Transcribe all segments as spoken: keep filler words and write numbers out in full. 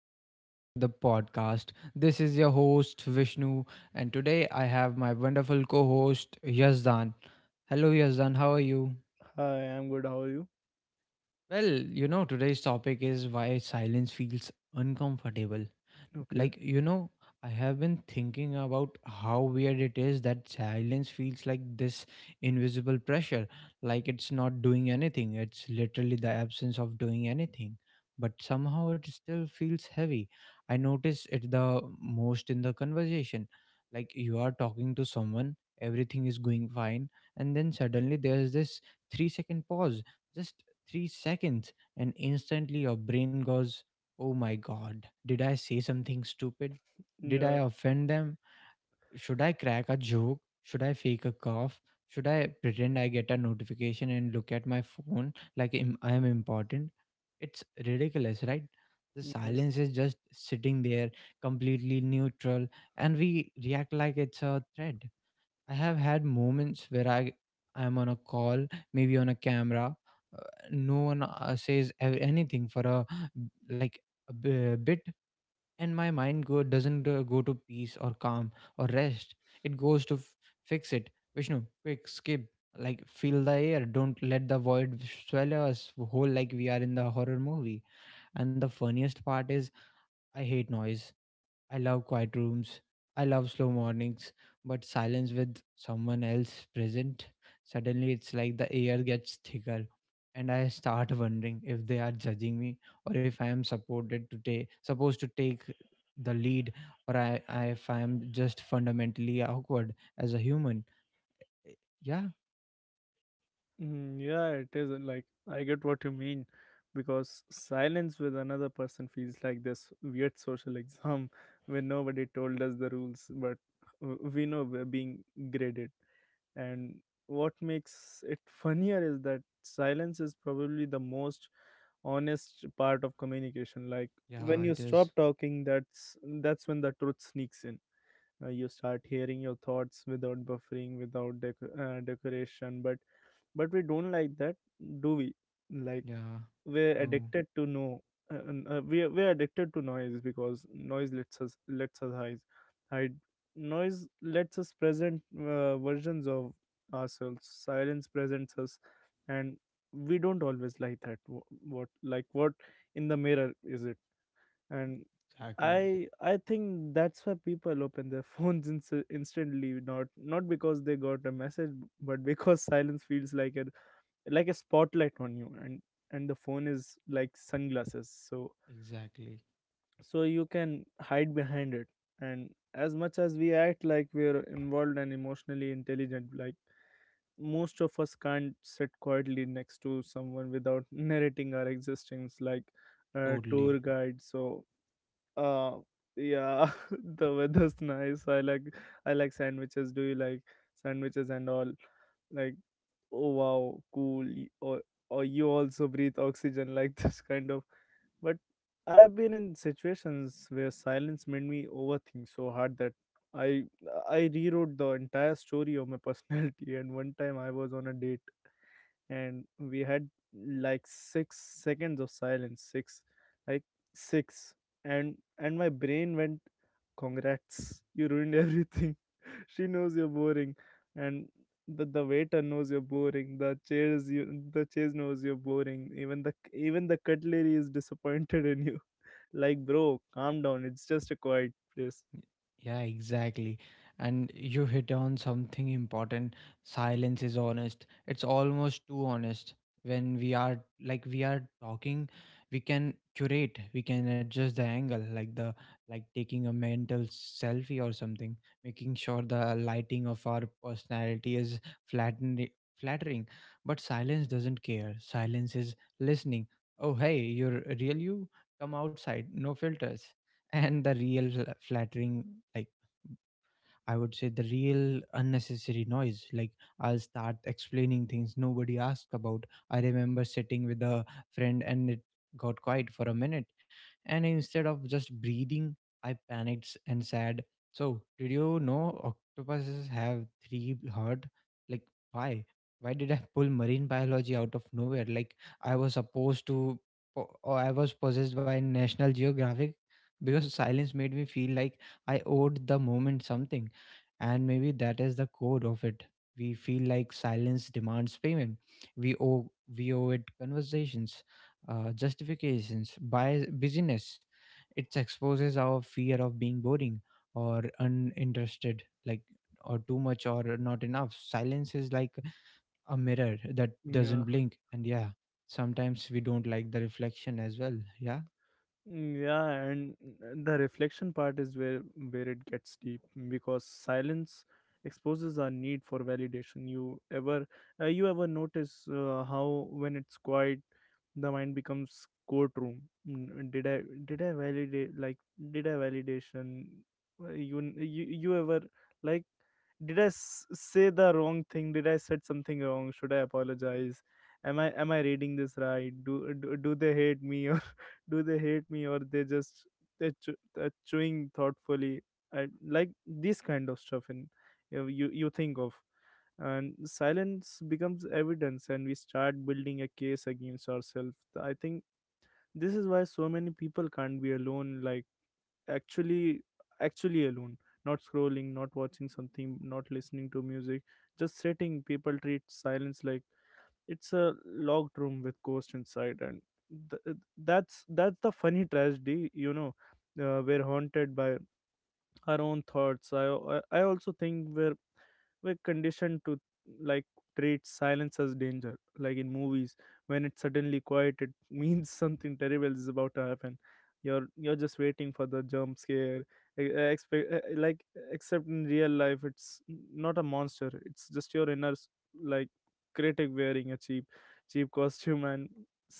Welcome back to the podcast. This is your host, Vishnu, and today I have my wonderful co host, Yazdan. Hello, Yazdan. How are you? Hi, I'm good. How are you? Well, you know, today's topic is why silence feels uncomfortable. Okay. Like, you know, I have been thinking about how weird it is that silence feels like this invisible pressure, like it's not doing anything. It's literally the absence of doing anything. But somehow it still feels heavy. I notice it the most in the conversation. Like you are talking to someone, everything is going fine, and then suddenly there's this three second pause, just three seconds, and instantly your brain goes, Oh my god, did I say something stupid? Did I Yeah. offend them? Should I crack a joke? Should I fake a cough? Should I pretend I get a notification and look at my phone like im- I am important? It's ridiculous, right? The silence Yes. is just sitting there, completely neutral, and we react like it's a threat. I have had moments where I I'm on a call, maybe on a camera. Uh, no one uh, says a- anything for a, like, a bi- bit, and my mind go doesn't uh, go to peace or calm or rest. It goes to f- fix it. Vishnu, quick skip. Like fill the air. Don't let the void swallow us whole like we are in the horror movie. And the funniest part is I hate noise. I love quiet rooms. I love slow mornings, but silence with someone else present, suddenly it's like the air gets thicker and I start wondering if they are judging me or if I am supported to take supposed to take the lead or I, I if I am just fundamentally awkward as a human. Yeah, Mm, yeah, it is like I get what you mean because silence with another person feels like this weird social exam where nobody told us the rules, but uh, we know we're being graded. And what makes it funnier is that silence is probably the most honest part of communication. Like yeah, when it you is. stop talking, that's that's when the truth sneaks in. uh, you start hearing your thoughts without buffering, without dec- uh, decoration, but but we don't like that, do we? Like, Yeah. we're No, addicted to no uh, uh, we we're addicted to noise because noise lets us lets us hide. hide Noise lets us present uh, versions of ourselves. Silence presents us, and we don't always like that. Wh- what like what in the mirror is it? And exactly. I I think that's why people open their phones inst- instantly, not not because they got a message, but because silence feels like a like a spotlight on you, and and the phone is like sunglasses, so Exactly. so you can hide behind it. And as much as we act like we're involved and emotionally intelligent, like most of us can't sit quietly next to someone without narrating our existence, like a Totally. tour guide. So uh, yeah, the weather's nice. I like I like sandwiches. Do you like sandwiches and all? Like, oh wow, cool. Y- Or or you also breathe oxygen, like this kind of. But I've been in situations where silence made me overthink so hard that I I rewrote the entire story of my personality. And one time I was on a date and we had like six seconds of silence. Six, like, six. And and my brain went, congrats, you ruined everything, she knows you're boring, and the, the waiter knows you're boring, the chairs you the chairs knows you're boring, even the even the cutlery is disappointed in you. Like, bro, calm down, it's just a quiet place. Yeah, exactly. And you hit on something important. Silence is honest. It's almost too honest. When we are like we are talking, we can curate, we can adjust the angle, like the like taking a mental selfie or something, making sure the lighting of our personality is flattened flattering. But silence doesn't care. Silence is listening. Oh hey, you're real you? Come outside. No filters and the real flattering, like I would say the real unnecessary noise. Like I'll start explaining things nobody asked about. I remember sitting with a friend and it got quiet for a minute. And instead of just breathing, I panicked s- and said, So, did you know octopuses have three heart? Like, why? Why did I pull marine biology out of nowhere? Like, I was supposed to, po- or I was possessed by National Geographic because silence made me feel like I owed the moment something. And maybe that is the core of it. We feel like silence demands payment. We owe we owe it conversations, uh, justifications by busyness. It exposes our fear of being boring or uninterested, like or too much or not enough. Silence is like a mirror that doesn't Yeah. blink, and yeah, sometimes we don't like the reflection as well. Yeah, Mm, yeah, and uh, the reflection part is where where it gets deep because silence exposes our need for validation. You ever uh, you ever notice uh, how when it's quiet, the mind becomes courtroom. Mm, Did I did I validate, like, did I validation? Uh, You you you ever like, did I s- say the wrong thing? Did I said something wrong? Should I apologize? Am I am I reading this right? Do do, do they hate me? Do they hate me, or they just, they're, chew- they're chewing thoughtfully? I like this kind of stuff, and you you, you think of, and silence becomes evidence, and we start building a case against ourselves. I think this is why so many people can't be alone, like actually actually alone, not scrolling, not watching something, not listening to music, just sitting. People treat silence like it's a locked room with ghost inside. And th- that's that's the funny tragedy you know uh, We're haunted by our own thoughts. I i I also think we're we're conditioned to, like, treat silence as danger, like in movies. When it's suddenly quiet, it means something terrible is about to happen. You're you're just waiting for the jump scare, e- expect eh, like except in real life it's not a monster. It's just your inner s- like critic wearing a cheap cheap costume. And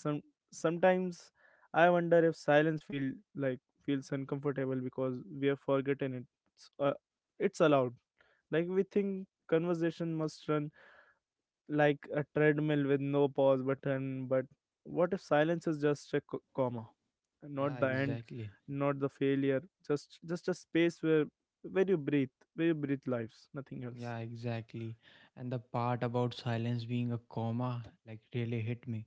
some sometimes I wonder if silence feel like feels uncomfortable because we have forgotten it. it's, uh, it's allowed, like we think conversation must run like a treadmill with no pause button. But what if silence is just a co- comma, not yeah, the end, exactly. not the failure, just just a space where where you breathe, where you breathe lives, nothing else. Yeah, exactly. And the part about silence being a comma like really hit me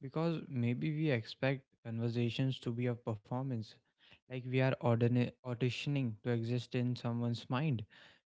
because maybe we expect conversations to be a performance, like we are ordina- auditioning to exist in someone's mind,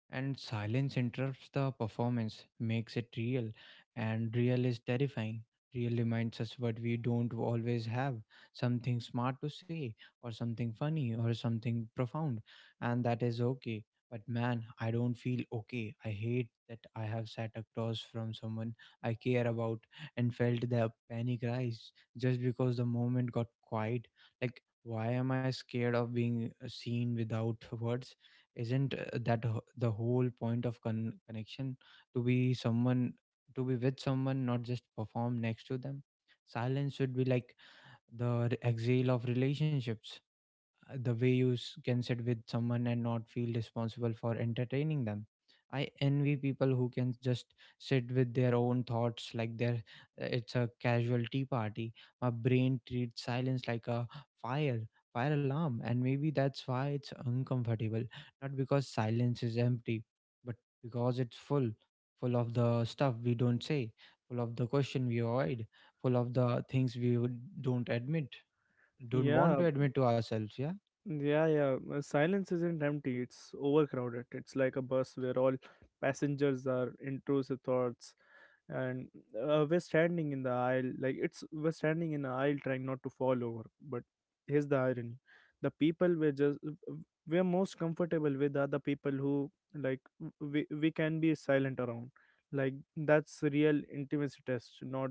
and silence interrupts the performance, makes it real, and real is terrifying. Real reminds us what we don't always have, something smart to say or something funny or something profound. And that is okay, but man, I don't feel okay. I hate that I have sat across from someone I care about and felt the panic rise just because the moment got quiet. Like, why am I scared of being uh, seen without words? Isn't uh, that, ho- the whole point of con- connection, to be someone, to be with someone, not just perform next to them? Silence should be like the re- exhale of relationships, uh, the way you s- can sit with someone and not feel responsible for entertaining them. I envy people who can just sit with their own thoughts like they're, uh, it's a casual tea party. My brain treats silence like a fire, fire alarm, and maybe that's why it's uncomfortable. Not because silence is empty, but because it's full, full of the stuff we don't say, full of the question we avoid, full of the things we would- don't admit, don't want Yeah. to admit to ourselves. Yeah. Yeah, yeah. uh, Silence isn't empty, it's overcrowded. It's like a bus where all passengers are intrusive thoughts. And uh, we're standing in the aisle, like it's we're standing in the aisle, trying not to fall over. But here's the irony, the people we're just we're most comfortable with are the people who, like, w- we, we can be silent around. Like, that's real intimacy test, not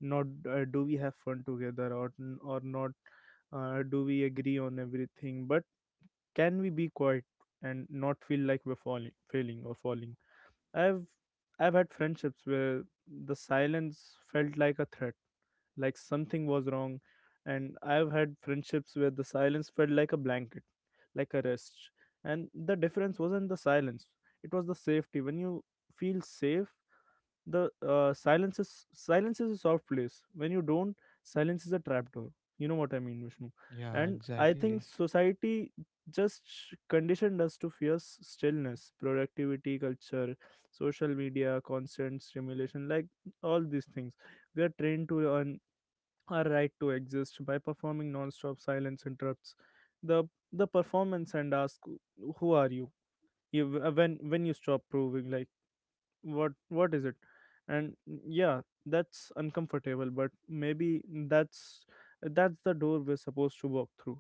not uh, do we have fun together, or or not, uh, do we agree on everything, but can we be quiet and not feel like we're falling failing or falling? I've i've had friendships where the silence felt like a threat, like something was wrong, and I've had friendships where the silence felt like a blanket, like a rest. And the difference wasn't the silence, it was the safety. When you feel safe, the uh, silence is silence is a soft place. When you don't, silence is a trapdoor. You know what I mean, Vishnu? Yeah, And I exactly. think society just conditioned us to fear s- stillness, productivity culture, social media, constant stimulation, like all these things. We are trained to earn our right to exist by performing non-stop. Silence interrupts the the performance and ask, who are you, you uh, when when you stop proving, like, what what is it? And yeah, that's uncomfortable, but maybe that's that's the door we're supposed to walk through.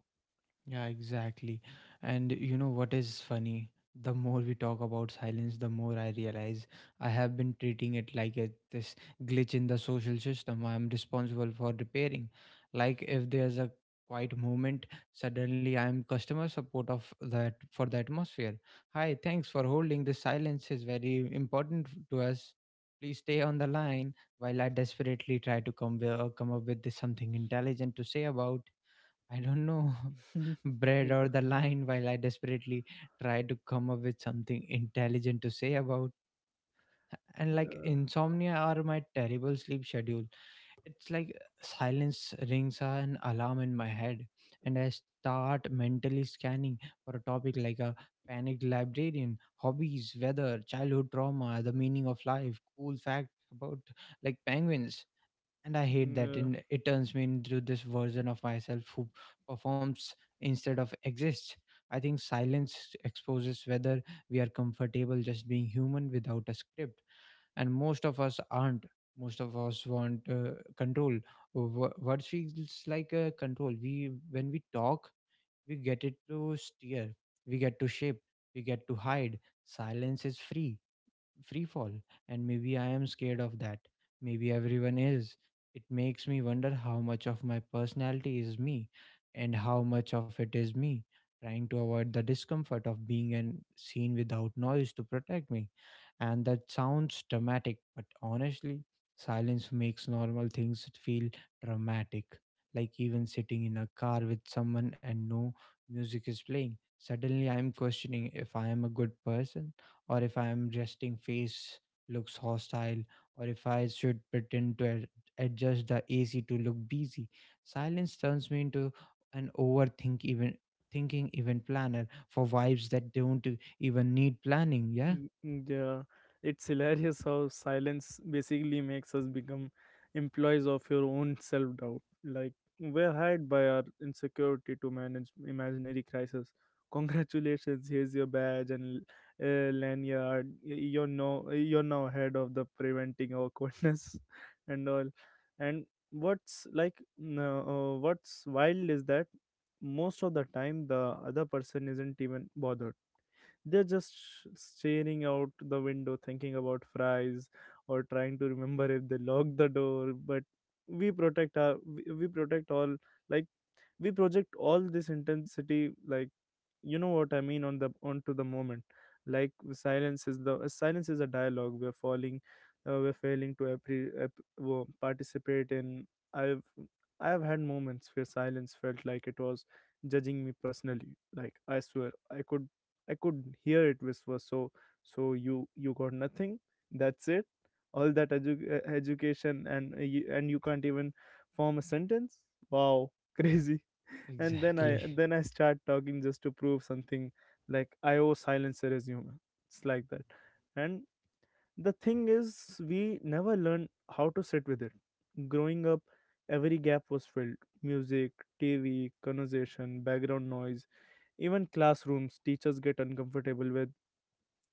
Yeah, exactly. And you know what is funny? The more we talk about silence, the more I realize I have been treating it like a, this glitch in the social system I'm responsible for repairing. Like if there's a quiet moment, suddenly I'm customer support of that for the atmosphere. Hi, thanks for holding. The silence is very important f- to us. Please stay on the line while I desperately try to come, uh, come up with this something intelligent to say about, I don't know, bread or yeah. the line while I desperately tried to come up with something intelligent to say about. And like insomnia or my terrible sleep schedule, it's like uh, silence rings an alarm in my head, and I start mentally scanning for a topic like a panicked librarian, hobbies, weather, childhood trauma, the meaning of life, cool facts about like penguins. And I hate that, Yeah. and it turns me into this version of myself who performs instead of exists. I think silence exposes whether we are comfortable just being human without a script, and most of us aren't. Most of us want uh, control. Wh- what feels like a control we when we talk. We get it to steer, we get to shape, we get to hide. Silence is free, free fall, and maybe I am scared of that. Maybe everyone is. It makes me wonder how much of my personality is me and how much of it is me trying to avoid the discomfort of being an seen without noise to protect me. And that sounds dramatic, but honestly, silence makes normal things feel dramatic. Like even sitting in a car with someone and no music is playing, suddenly I am questioning if I am a good person or if I am resting face looks hostile or if I should pretend to ad- adjust the ac to look busy. Silence turns me into an overthink even thinking even planner for vibes that don't even need planning. Yeah. Mm, mm, yeah, it's hilarious how silence basically makes us become employees of your own self doubt. Like, we're hired by our insecurity to manage imaginary crisis. Congratulations, here's your badge and uh, lanyard. Y- You're no, you're now head of the preventing awkwardness, and all. And what's like, no, uh, what's wild is that most of the time the other person isn't even bothered. They're just sh- staring out the window, thinking about fries, or trying to remember if they lock the door. But we protect our we we protect all like we project all this intensity, like, you know what I mean, on the onto the moment. Like, silence is the uh, silence is a dialogue we're falling, uh, we're failing to appre- app- wo- participate in. I've i've had moments where silence felt like it was judging me personally. Like, I swear i could i could hear it whisper, so so you you got nothing, that's it, all that edu- uh, education, and uh, you, and you can't even form a sentence. Wow. Crazy. And then i Exactly. then i start talking just to prove something, like I owe silence a resume. It's like that. And the thing is, we never learn how to sit with it. Growing up, every gap was filled: music, T V, conversation, background noise. Even classrooms, teachers get uncomfortable with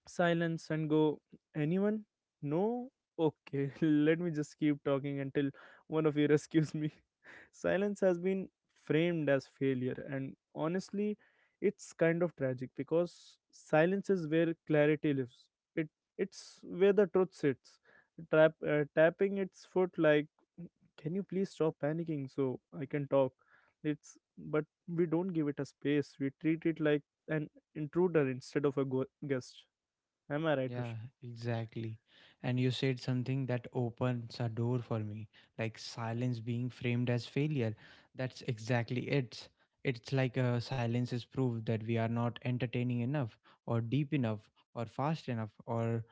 silence and go, Anyone? No? Okay, let me just keep talking until one of you rescues me. Silence has been framed as failure, and honestly, it's kind of tragic because silence is where clarity lives. It it's where the truth sits. Trap, uh, tapping its foot like, can you please stop panicking so I can talk? It's but we don't give it a space. We treat it like an intruder instead of a go- guest. Am I right, Yeah, Vishnu? exactly. And you said something that opens a door for me, like silence being framed as failure. That's exactly it. It's like uh, silence is proof that we are not entertaining enough, or deep enough, or fast enough, or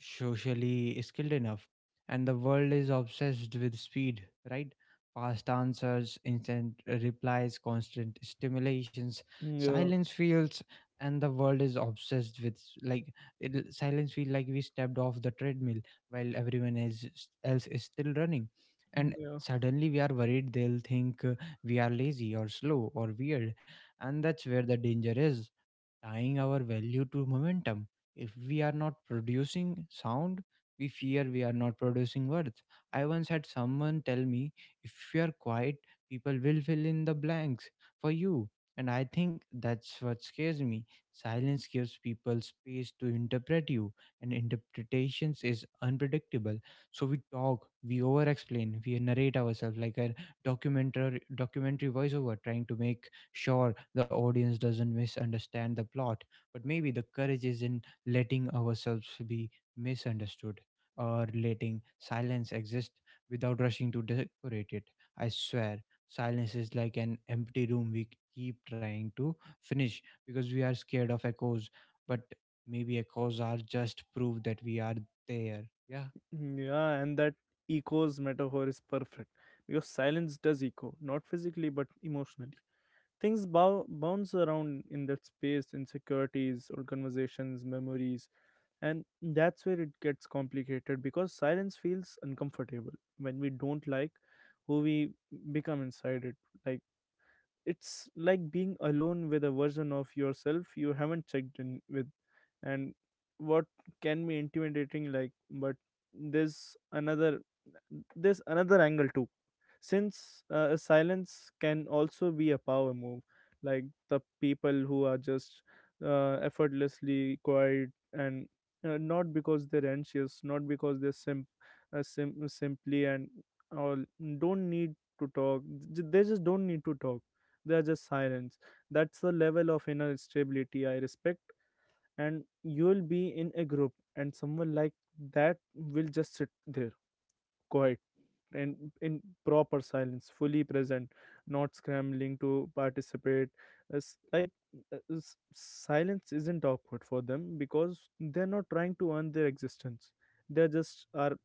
socially skilled enough. And the world is obsessed with speed, right? Fast answers, instant replies, constant stimulations. Yeah, Silence feels, and the world is obsessed with like it, silence feel like we stepped off the treadmill while everyone is, else is still running. And yeah. suddenly we are worried they'll think uh, we are lazy or slow or weird. And that's where the danger is, tying our value to momentum. If we are not producing sound, we fear we are not producing worth. I once had someone tell me, if you are quiet, people will fill in the blanks for you. And I think that's what scares me. Silence gives people space to interpret you, and interpretations is unpredictable. So we talk, we over explain, we narrate ourselves like a documentary documentary voiceover trying to make sure the audience doesn't misunderstand the plot, but maybe the courage is in letting ourselves be misunderstood or letting silence exist without rushing to decorate it. I swear, silence is like an empty room we keep trying to finish because we are scared of echoes, but maybe echoes are just proof that we are there. Yeah. Yeah, and that echoes metaphor is perfect because silence does echo, not physically but emotionally. Things bow- bounce around in that space, insecurities, or conversations, memories. And that's where it gets complicated because silence feels uncomfortable when we don't like who we become inside it. Like, it's like being alone with a version of yourself you haven't checked in with, and what can be intimidating. Like, but there's another there's another angle too, since uh, a silence can also be a power move, like the people who are just uh, effortlessly quiet, and uh, not because they're anxious, not because they're simp- uh, sim- simply and all, don't need to talk. J- they just don't need to talk. They are just sirens. That's the level of inner stability I respect. And you'll be in a group, and someone like that will just sit there, quiet and in proper silence, fully present, not scrambling to participate. It's like, uh, s- silence isn't awkward for them because they're not trying to earn their existence. They just are.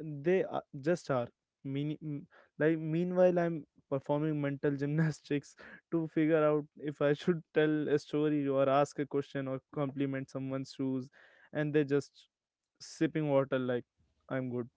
They are, just are. Mean, m- like meanwhile, I'm performing mental gymnastics to figure out if I should tell a story, or ask a question, or compliment someone's shoes, and they're just sipping water, like, I'm good.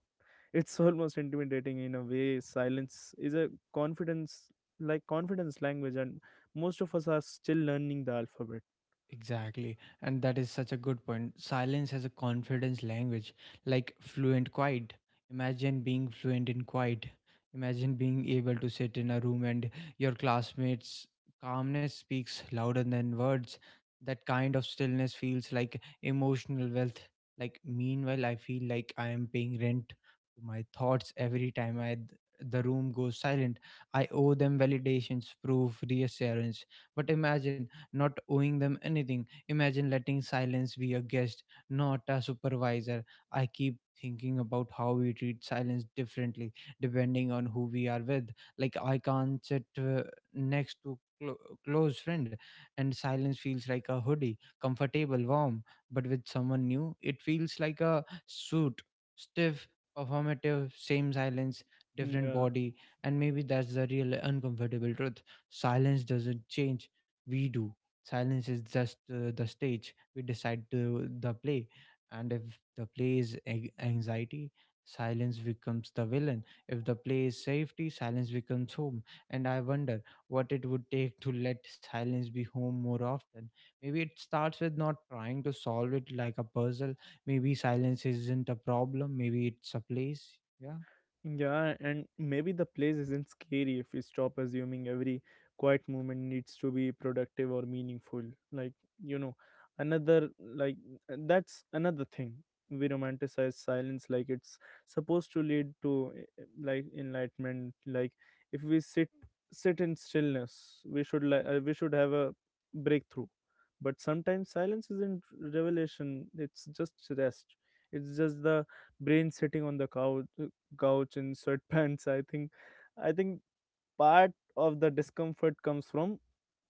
It's almost intimidating in a way. Silence is a confidence, like confidence language, and most of us are still learning the alphabet. Exactly. And that is such a good point. Silence as a confidence language, like fluent quiet. Imagine being fluent in quiet. Imagine being able to sit in a room and your classmates' calmness speaks louder than words. That kind of stillness feels like emotional wealth. Like, meanwhile, I feel like I am paying rent to my thoughts every time I, the room goes silent. I owe them validations, proof, reassurance. But imagine not owing them anything. Imagine letting silence be a guest, not a supervisor. I keep thinking about how we treat silence differently depending on who we are with. Like, I can't sit uh, next to clo- close friend and silence feels like a hoodie, comfortable, warm, but with someone new it feels like a suit, stiff, performative. Same silence, Mm, different yeah. body. And maybe that's the real uncomfortable truth, silence doesn't change, we do. Silence is just uh, the stage we decide to the play, and if the play is a- anxiety, silence becomes the villain. If the play is safety, silence becomes home. And I wonder what it would take to let silence be home more often. Maybe it starts with not trying to solve it like a puzzle. Maybe silence isn't a problem. Maybe it's a place. Yeah. Yeah, and maybe the place isn't scary if we stop assuming every quiet moment needs to be productive or meaningful. Like, you know, another, like, that's another thing. We romanticize silence like it's supposed to lead to, eh, like, enlightenment. Like, if we sit sit in stillness, we should like uh, we should have a breakthrough. But sometimes silence isn't revelation. It's just rest. It's just the brain sitting on the couch couch in sweatpants. I think i think part of the discomfort comes from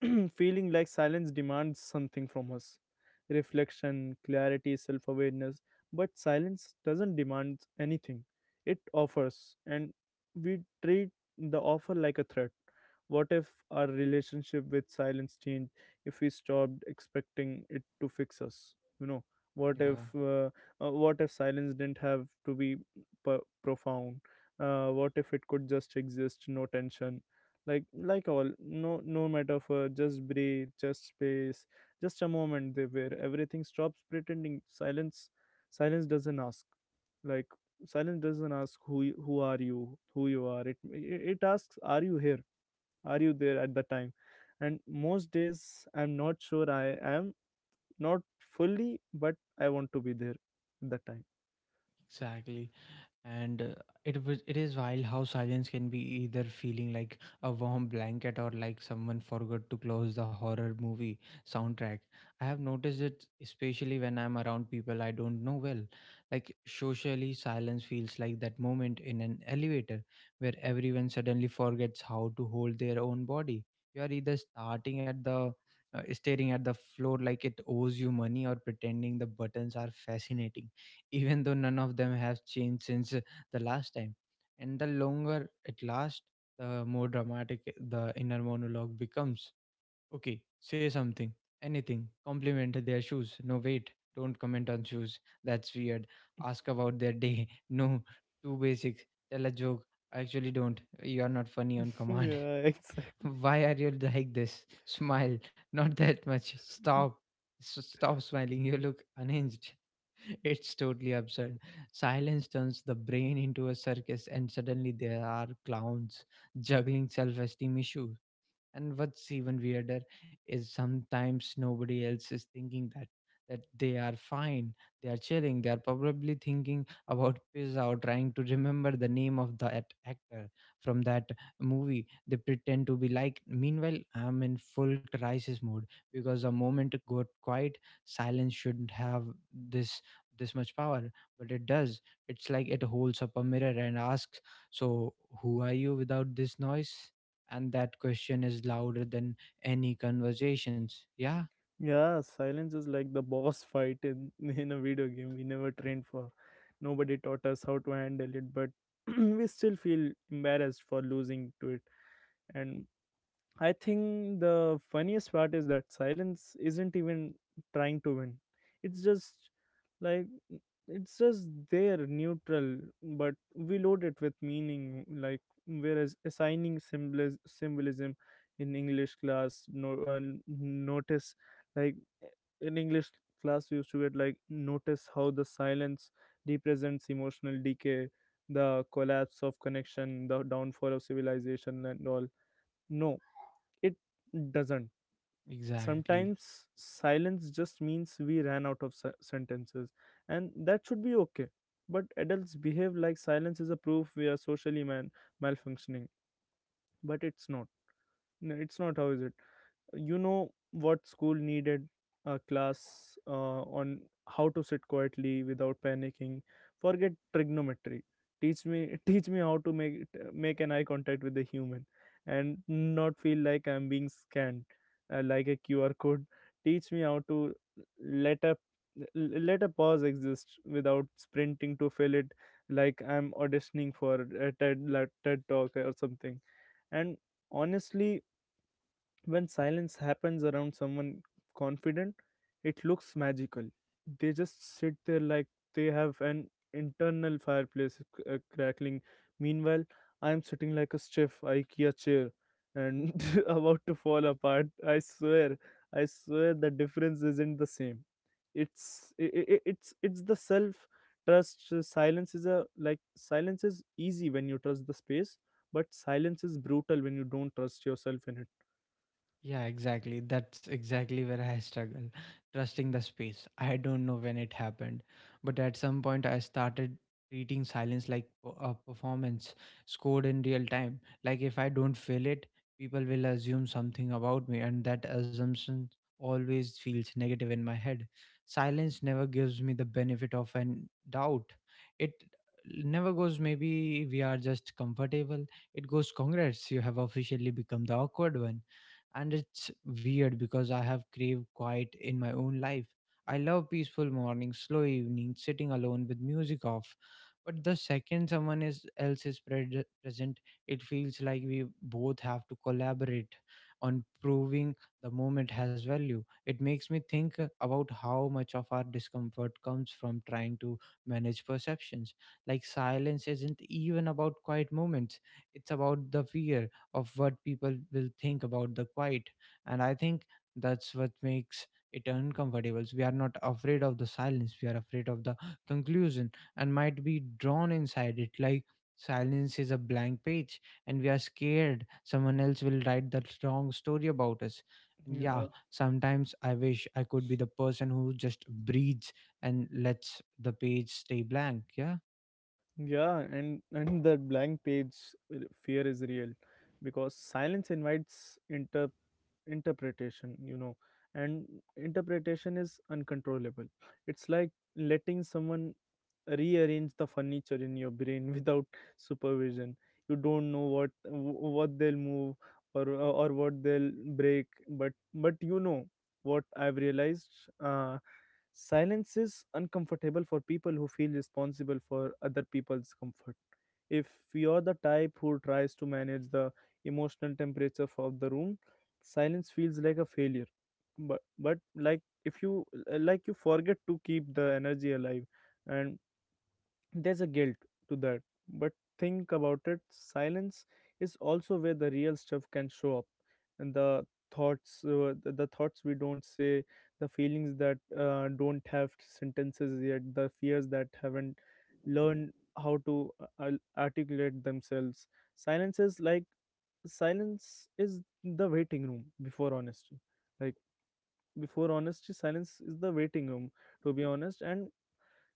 feeling like silence demands something from us: reflection, clarity, self awareness. But silence doesn't demand anything, it offers, and we treat the offer like a threat. What if our relationship with silence changed if we stopped expecting it to fix us? You know, what if Yeah, uh, uh, what if silence didn't have to be p- profound? Uh, what if it could just exist, no tension? like like all, no, no metaphor, just breathe, just space, just a moment there where everything stops pretending. Silence silence doesn't ask, like, silence doesn't ask who y- who are you who you are it it it asks, are you here, are you there at the time? And most days I'm not sure I am, not fully, but I want to be there at that time. exactly. And uh, it was it is wild how silence can be either feeling like a warm blanket or like someone forgot to close the horror movie soundtrack. I have noticed it especially when I'm around people I don't know well. Like socially, silence feels like that moment in an elevator where everyone suddenly forgets how to hold their own body. You are either starting at the uh, staring at the floor like it owes you money or pretending the buttons are fascinating even though none of them have changed since uh, the last time. And the longer it lasts, the more dramatic eh, the inner monologue becomes. Okay, say something, anything, compliment their shoes. No, wait, don't comment on shoes. That's weird. Ask about their day. No, too basic. Tell a joke. I actually don't. You're not funny on command. Yeah, exactly. Why are you like this? Smile, not that much. Stop. S- Stop smiling. You look unhinged. It's totally absurd. Silence turns the brain into a circus, and suddenly there are clowns juggling self esteem issues. And what's even weirder is sometimes nobody else is thinking that that they are fine, they are chilling, they are probably thinking about pizza or trying to remember the name of that actor from that movie they pretend to be like. Meanwhile, I'm in full crisis mode because the moment it got quiet, silence shouldn't have this this much power, but it does. It's like it holds up a mirror and asks, so who are you without this noise? And that question is louder than any conversations. Yeah, Yeah, silence is like the boss fight in in a video game we never trained for. Nobody taught us how to handle it, but we still feel embarrassed for losing to it. And I think the funniest part is that silence isn't even trying to win. It's just, like, it's just there, neutral, but we load it with meaning. Like whereas assigning symbolis- symbolism in English class, no uh, n- notice, like, in English class we used to get, like, notice how the silence represents emotional decay, the collapse of connection, the downfall of civilization, and all. No, it doesn't. exactly. Sometimes silence just means we ran out of se- sentences, and that should be okay. But adults behave like silence is a proof we are socially man- malfunctioning, but it's not. No, it's not. How is it? You know what school needed? A class uh, on how to sit quietly without panicking. Forget trigonometry, teach me teach me how to make it- uh, make an eye contact with the human and not feel like I'm being scanned, uh, like a Q R code. Teach me how to let a let a pause exist without sprinting to fill it, like I'm auditioning for a ted, like TED talk or something. And honestly, when silence happens around someone confident, it looks magical. They just sit there like they have an internal fireplace c- uh, crackling. Meanwhile, I am sitting like a stiff IKEA chair and about to fall apart. I swear, I swear the difference isn't the same. It's i i i- it's it's the self trust. Silence is a, like, silence is easy when you trust the space, but silence is brutal when you don't trust yourself in it. Yeah, exactly. That's exactly where I struggle. Trusting the space. I don't know when it happened, but at some point I started treating silence like p- a performance scored in real time. Like, if I don't feel it, people will assume something about me, and that assumption always feels negative in my head. Silence never gives me the benefit of an doubt. It never goes maybe we are just comfortable, it goes congrats you have officially become the awkward one. And it's weird because I have craved quiet in my own life. I love peaceful mornings, slow evenings, sitting alone with music off. But the second someone is, else is pre- present, it feels like we both have to collaborate on proving the moment has value. It makes me think about how much of our discomfort comes from trying to manage perceptions. Like, silence isn't even about quiet moments, it's about the fear of what people will think about the quiet. And I think that's what makes it uncomfortable. We are not afraid of the silence, we are afraid of the conclusion and might be drawn inside it. Like, silence is a blank page and we are scared someone else will write the wrong story about us. And yeah, Yeah. sometimes I wish I could be the person who just breathes and lets the page stay blank. Yeah. Yeah, and and that blank page uh, fear is real because silence invites inter interpretation, you know, and interpretation is uncontrollable. It's like letting someone rearrange the furniture in your brain without supervision. You don't know what wh- what they'll move or or what they'll break, but but you know what I've realized. Uh, Silence is uncomfortable for people who feel responsible for other people's comfort. If you're the type who tries to manage the emotional temperature of the room, silence feels like a failure. But but like, if you, like, you forget to keep the energy alive, and there's a guilt to that. But think about it, silence is also where the real stuff can show up. And the thoughts, uh, the, the thoughts we don't say, the feelings that uh, don't have sentences yet, the fears that haven't learned how to uh, al- articulate themselves. Silence is like, silence is the waiting room before honesty. Like, before honesty, silence is the waiting room to be honest. And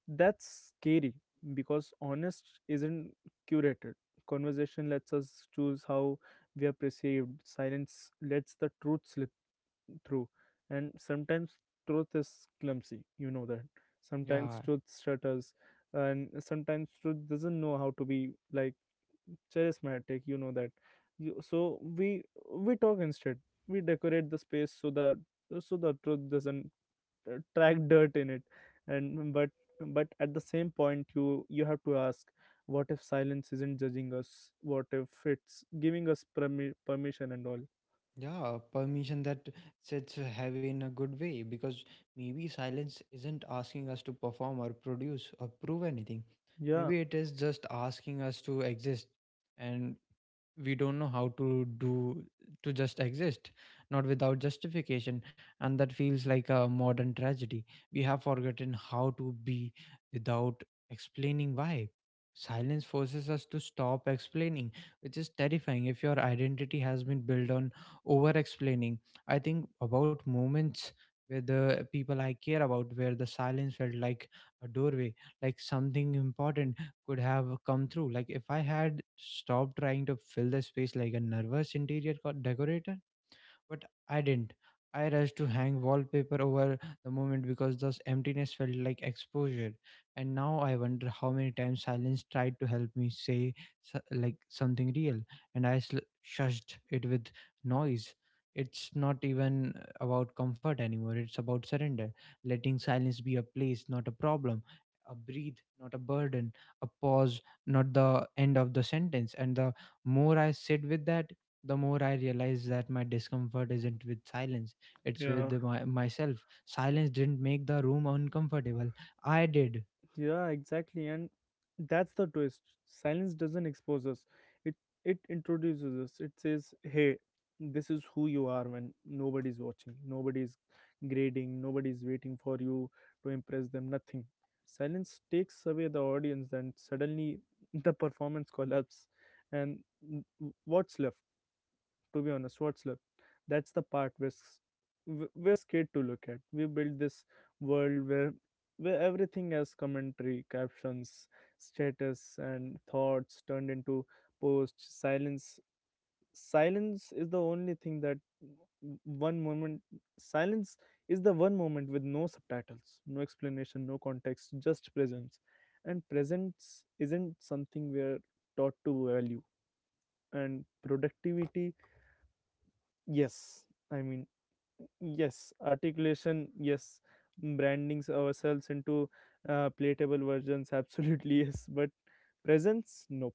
that's scary because honest isn't curated. Conversation lets us choose how we are perceived. Silence lets the truth slip through. And sometimes truth is clumsy, you know that. Sometimes Yeah. truth stutters, and sometimes truth doesn't know how to be, like, charismatic, you know that. You, so we we talk instead. We decorate the space so the so the truth doesn't uh, track dirt in it. And, but but at the same point, you you have to ask, what if silence isn't judging us? What if it's giving us permi- permission and all? Yeah, permission that sits heavy in a good way, because maybe silence isn't asking us to perform or produce or prove anything. Yeah. Maybe it is just asking us to exist, and we don't know how to do to just exist, not without justification. And that feels like a modern tragedy. We have forgotten how to be without explaining why. Silence forces us to stop explaining, which is terrifying if your identity has been built on over explaining. I think about moments where the people I care about, where the silence felt like a doorway, like something important could have come through. Like, if I had stopped trying to fill the space like a nervous interior co- decorator, but I didn't. I rushed to hang wallpaper over the moment because those emptiness felt like exposure. And now I wonder how many times silence tried to help me say so- like something real, and I sl- shushed it with noise. It's not even about comfort anymore. It's about surrender, letting silence be a place, not a problem, a breathe, not a burden, a pause, not the end of the sentence. And the more I sit with that, the more I realized that my discomfort isn't with silence, it's with Yeah. the, my, myself. Silence didn't make the room uncomfortable, I did. Yeah, exactly. And that's the twist. Silence doesn't expose us. It it introduces us. It says, "Hey, this is who you are when nobody's watching, nobody's grading, nobody's waiting for you to impress them, nothing." Silence takes away the audience, and suddenly the performance collapses. And w- what's left? To be on a What's left? That's the part we're, s- w- we're scared to look at. We build this world where where everything has commentary, captions, status, and thoughts turned into posts. Silence silence is the only thing that w- one moment silence is the one moment with no subtitles, no explanation, no context, just presence. And presence isn't something we're taught to value. And productivity, yes, I mean, yes, articulation, yes, brandings ourselves into uh, playable versions, absolutely, yes, but presence, nope.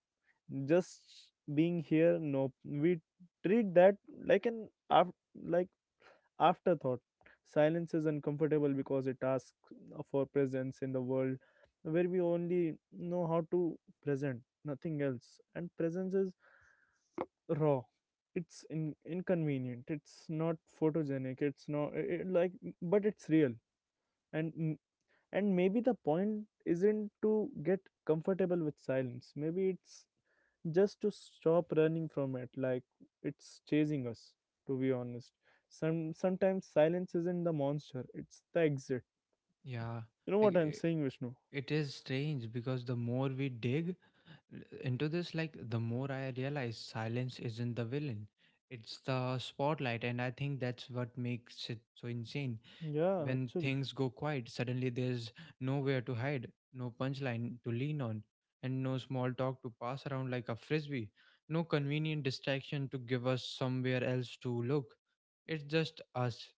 Just being here, nope. We treat that like an af- like afterthought. Silence is uncomfortable because it asks for presence in the world where we only know how to present, nothing else. And presence is raw, it's in, inconvenient, it's not photogenic, it's not it, like, but it's real. and and maybe the point isn't to get comfortable with silence, maybe it's just to stop running from it, like it's chasing us. To be honest, some sometimes silence isn't the monster, it's the exit. Yeah, You know like what I'm i- saying, Vishnu? it is strange because the more we dig l- into this, like the more I realize silence isn't the villain, it's the spotlight, and I think that's what makes it so insane. Yeah, When actually. things go quiet, suddenly there's nowhere to hide, no punchline to lean on, and no small talk to pass around like a frisbee, no convenient distraction to give us somewhere else to look. It's just us,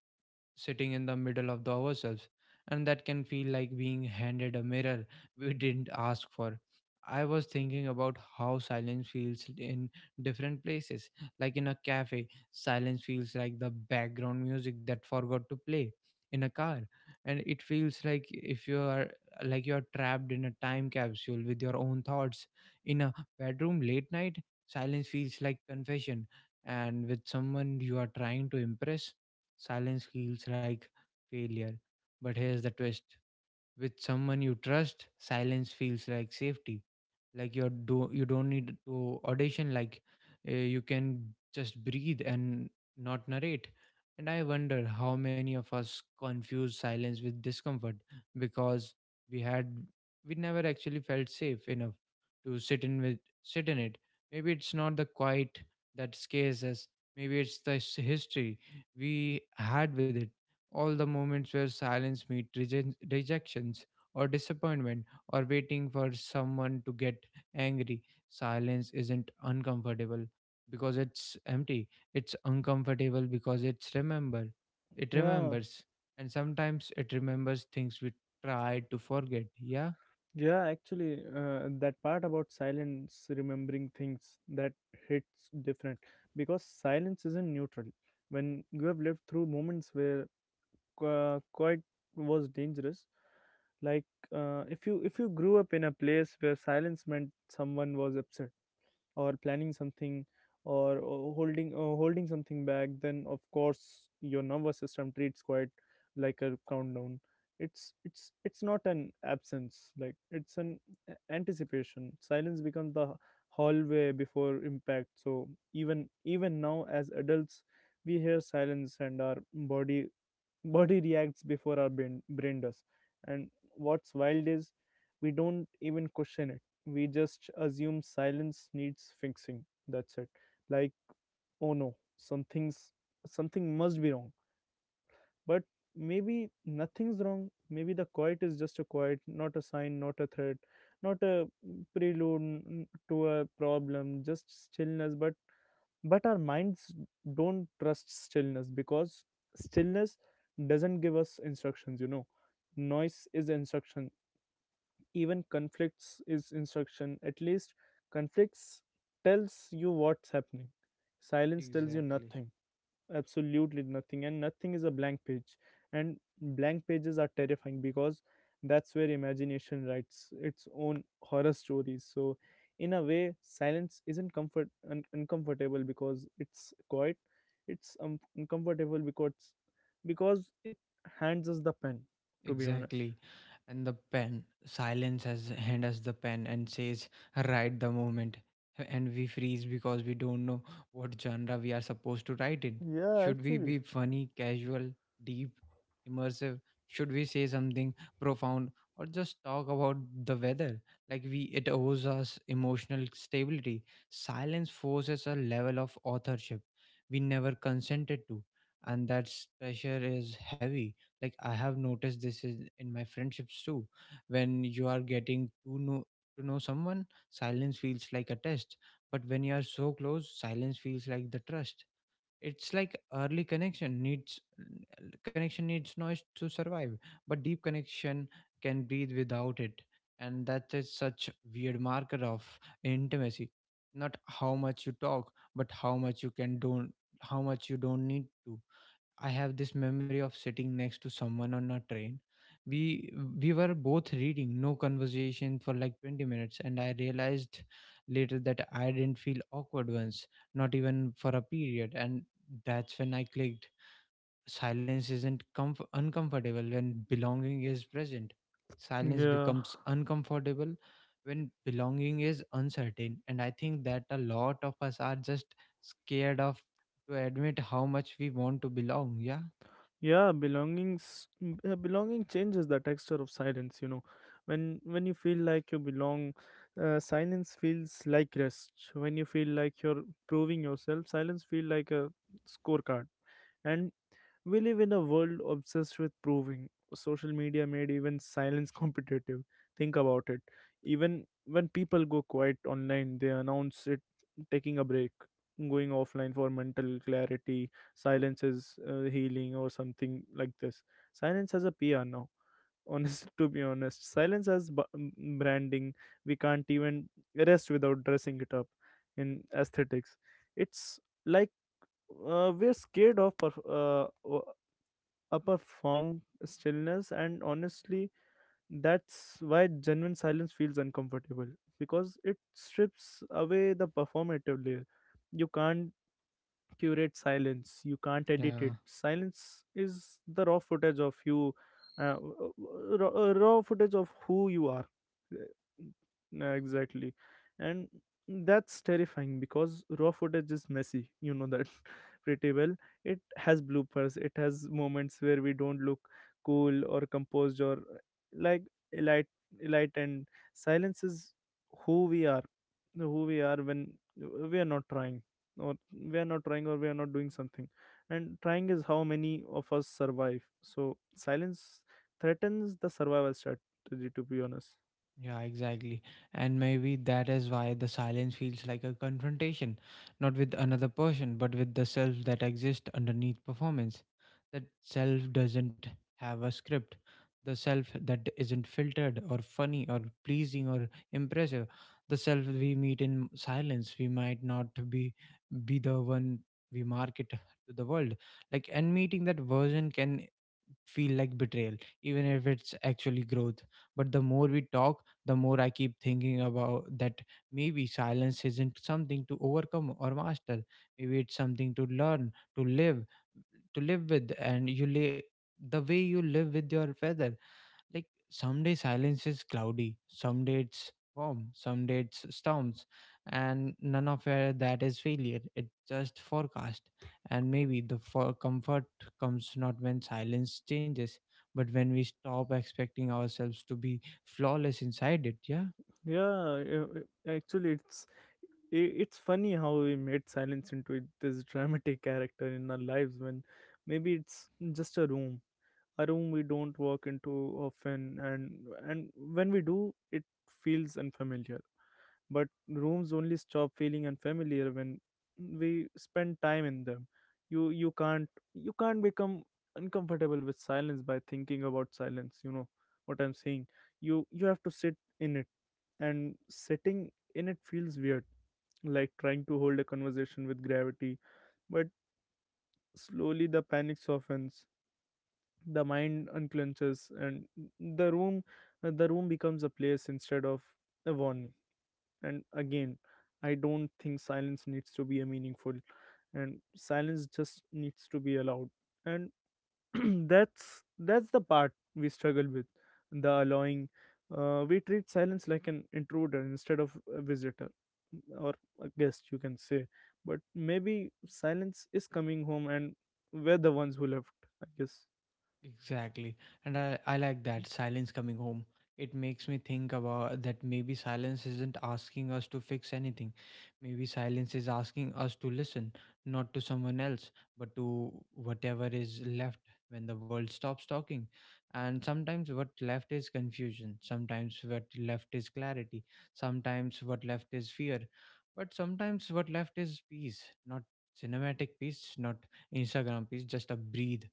sitting in the middle of the ourselves, and that can feel like being handed a mirror we didn't ask for. I was thinking about how silence feels in different places. Like, in a cafe silence feels like the background music that forgot to play. In a car, and it feels like if you are like you are trapped in a time capsule with your own thoughts. In a bedroom late night, silence feels like confession. And with someone you are trying to impress, silence feels like failure. But here's the twist: with someone you trust, silence feels like safety, like you're do you don't need to audition, like uh, you can just breathe and not narrate. And I wonder how many of us confuse silence with discomfort because we had we never actually felt safe enough to sit in with sit in it. Maybe it's not the quiet that scares us, maybe it's the s- history we had with it, all the moments where silence meet reje- rejections or disappointment or waiting for someone to get angry. Silence isn't uncomfortable because it's empty. It's uncomfortable because it's remember. It Yeah. remembers. And sometimes it remembers things we tried to forget. Yeah? Yeah, actually, uh, that part about silence remembering things, that hits different because silence isn't neutral. When you have lived through moments where uh, quiet was dangerous, like, uh, if you if you grew up in a place where silence meant someone was upset or planning something or uh, holding uh, holding something back, then of course your nervous system treats quite like a countdown. It's it's it's not an absence, like it's an a- anticipation. Silence becomes the hallway before impact. So even, even now as adults, we hear silence and our body body reacts before our brain, brain does. And what's wild is we don't even question it, we just assume silence needs fixing. That's it. Like, oh no, something's something must be wrong. But maybe nothing's wrong, maybe the quiet is just a quiet, not a sign, not a threat, not a prelude n- to a problem, just stillness. but but our minds don't trust stillness because stillness doesn't give us instructions, you know. Noise is instruction, even conflicts is instruction. At least conflicts tells you what's happening. Silence tells you Exactly. nothing, absolutely nothing. And nothing is a blank page, and blank pages are terrifying because that's where imagination writes its own horror stories. So in a way, silence isn't comfort un- uncomfortable because it's quiet, it's um, uncomfortable because because it hands us the pen. To be honest. Exactly. And the pen, silence has hand us the pen and says, write the moment. And we freeze because we don't know what genre we are supposed to write in. Yeah, Should we actually. be funny, casual, deep, immersive? Should we say something profound or just talk about the weather? Like we it owes us emotional stability. Silence forces a level of authorship we never consented to. And that pressure is heavy. Like, I have noticed this is in my friendships too. When you are getting to know to know someone, silence feels like a test, but when you are so close, silence feels like the trust. It's like early connection needs connection needs noise to survive, but deep connection can breathe without it. And that is such weird marker of intimacy, not how much you talk but how much you can don't, how much you don't need to. I have this memory of sitting next to someone on a train. We we were both reading, no conversation for like twenty minutes, and I realized later that I didn't feel awkward once, not even for a period, and that's when I clicked. Silence isn't comf- uncomfortable when belonging is present. Silence Yeah. becomes uncomfortable when belonging is uncertain, and I think that a lot of us are just scared of to admit how much we want to belong. Yeah. Yeah, belongings m- uh, belonging changes the texture of silence, you know. When when you feel like you belong, uh, silence feels like rest. When you feel like you're proving yourself, silence feel like a scorecard. And we live in a world obsessed with proving. Social media made even silence competitive. Think about it. Even when people go quiet online, they announce it: taking a break, going offline for mental clarity, silence is uh, healing, or something like this. Silence has a P R now. Honest, to be honest, silence has b- m- branding. We can't even rest without dressing it up in aesthetics. It's like, uh, we're scared of perf- uh, o- upper form stillness. And honestly, that's why genuine silence feels uncomfortable, because it strips away the performative layer. You can't curate silence. You can't edit it. Yeah. Silence is the raw footage of you, uh, raw, uh, raw footage of who you are. Yeah, exactly. And that's terrifying because raw footage is messy. You know that pretty well. It has bloopers, it has moments where we don't look cool or composed or uh, like elite, elite and silence is who we are, who we are when we are not trying or we are not trying or we are not doing something, and trying is how many of us survive, so silence threatens the survival strategy, to be honest. Yeah, exactly. And maybe that is why the silence feels like a confrontation, not with another person, but with the self that exists underneath performance. That self doesn't have a script. The self that isn't filtered or funny or pleasing or impressive. The self we meet in silence, we might not be be the one we market to the world. Like, and meeting that version can feel like betrayal, even if it's actually growth. But the more we talk, the more I keep thinking about that maybe silence isn't something to overcome or master. Maybe it's something to learn, to live, to live with, and you live the way you live with your feather. Like, someday silence is cloudy, someday it's warm, someday it's storms, and none of uh, that is failure. It's just forecast. And maybe the for comfort comes not when silence changes, but when we stop expecting ourselves to be flawless inside it. Yeah. yeah uh, uh, Actually, it's i- it's funny how we made silence into it- this dramatic character in our lives when maybe it's just a room, a room we don't walk into often. And and when we do, it feels unfamiliar, but rooms only stop feeling unfamiliar when we spend time in them. You you can't, you can't become uncomfortable with silence by thinking about silence. You know what I'm saying? You you have to sit in it, and sitting in it feels weird, like trying to hold a conversation with gravity. But slowly the panic softens, the mind unclenches, and the room the room becomes a place instead of a warning. And again, I don't think silence needs to be a meaningful, and silence just needs to be allowed. And that's that's the part we struggle with, the allowing. Uh, we treat silence like an intruder instead of a visitor. Mm, or a guest, you can say. But maybe silence is coming home and we're the ones who left, I guess. Exactly. And I, I like that silence coming home. It makes me think about that maybe silence isn't asking us to fix anything. Maybe silence is asking us to listen, not to someone else, but to whatever is left when the world stops talking. And sometimes what left is confusion, sometimes what left is clarity, sometimes what left is fear, but sometimes what left is peace, not cinematic peace, not Instagram peace, just a breathe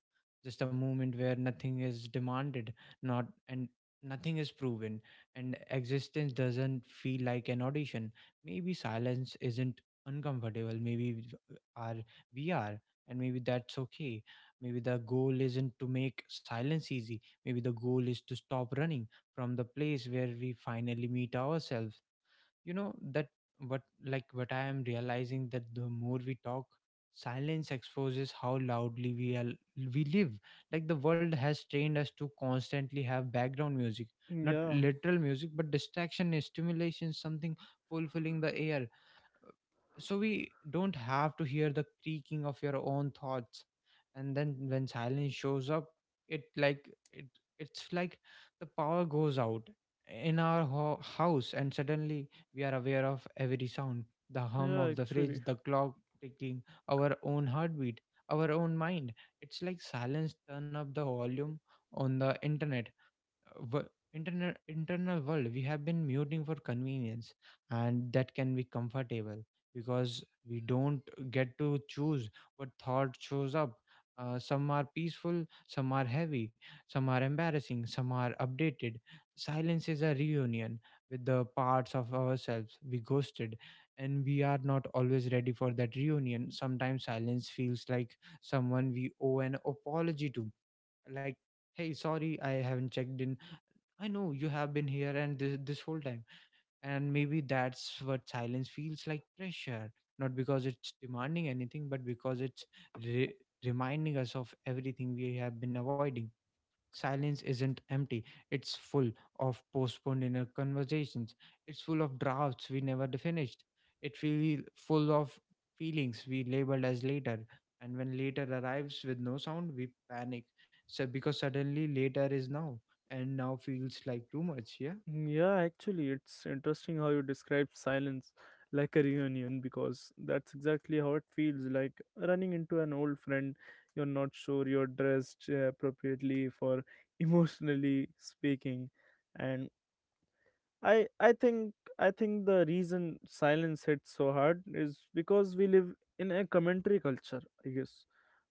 just a moment where nothing is demanded not and nothing is proven, and existence doesn't feel like an audition. Maybe silence isn't uncomfortable, maybe w- are we are, and maybe that's okay. Maybe the goal isn't to make silence easy, maybe the goal is to stop running from the place where we finally meet ourselves. You know that what like what I am realizing that the more we talk, silence exposes how loudly we are we live. Like the world has trained us to constantly have background music, not Yeah literal music but distraction, stimulation, something fulfilling the air, so we don't have to hear the creaking of your own thoughts. And then when silence shows up, it like it it's like the power goes out in our ho- house, and suddenly we are aware of every sound: the hum Yeah, of the actually. fridge, the clock ticking, our own heartbeat, our own mind. It's like silence turn up the volume on the internet wo- internal internal world we have been muting for convenience. And that can be comfortable because we don't get to choose what thought shows up. Uh, some are peaceful, some are heavy, some are embarrassing, some are updated. Silence is a reunion with the parts of ourselves we ghosted, and we are not always ready for that reunion. Sometimes silence feels like someone we owe an apology to, like, hey, sorry I haven't checked in. I know you have been here and this, this whole time. And maybe that's what silence feels like, pressure. Not because it's demanding anything, but because it's re- reminding us of everything we have been avoiding. Silence isn't empty, it's full of postponed inner conversations. It's full of drafts we never finished. It feel full of feelings we labeled as later. And when later arrives with no sound, we panic. So because suddenly later is now, and now feels like too much. Yeah. Yeah, actually, it's interesting how you describe silence like a reunion, because that's exactly how it feels, like running into an old friend. You're not sure you're dressed uh, appropriately for, emotionally speaking, and I I think I think the reason silence hits so hard is because we live in a commentary culture, I guess.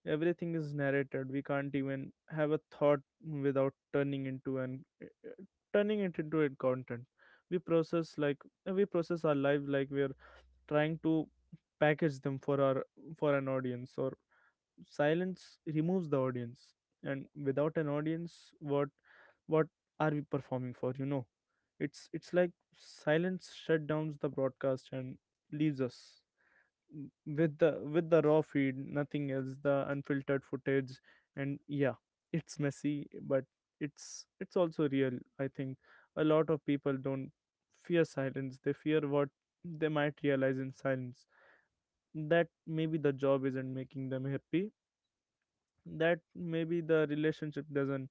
Everything is narrated. We can't even have a thought without turning into an uh, uh, turning it into a content. We process like we process our lives like we're trying to package them for our, for an audience. Or silence removes the audience, and without an audience, what what are we performing for? You know, it's it's like silence shut downs the broadcast and leaves us w- with the, with the raw feed, nothing else, the unfiltered footage. And yeah, it's messy, but it's it's also real. I think a lot of people don't fear silence, they fear what they might realize in silence. That maybe the job isn't making them happy, that maybe the relationship doesn't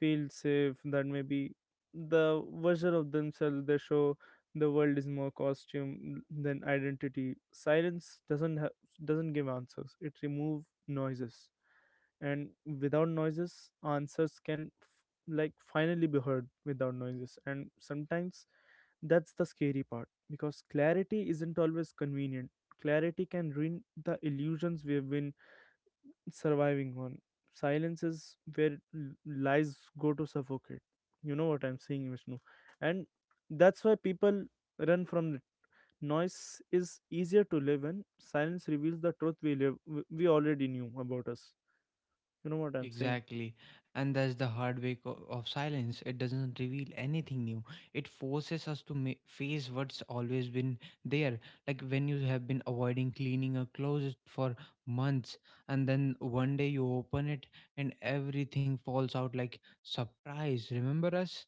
feel safe, that maybe the version of themselves they show the world is more costume than identity. Silence doesn't ha- doesn't give answers, it remove noises. And without noises, answers can f- like finally be heard without noises. And sometimes that's the scary part, because clarity isn't always convenient. Clarity can ruin the illusions we've been surviving on. Silence is where l- lies go to suffocate. You know what I'm saying, Vishnu? And that's why people run from it. Noise is easier to live in. Silence reveals the truth we live, we we already knew about us. You know what I'm saying? Exactly. And that's the hard way co- of silence. It doesn't reveal anything new. It forces us to ma- face what's always been there. Like when you have been avoiding cleaning a closet for months, and then one day you open it and everything falls out like surprise. Remember us?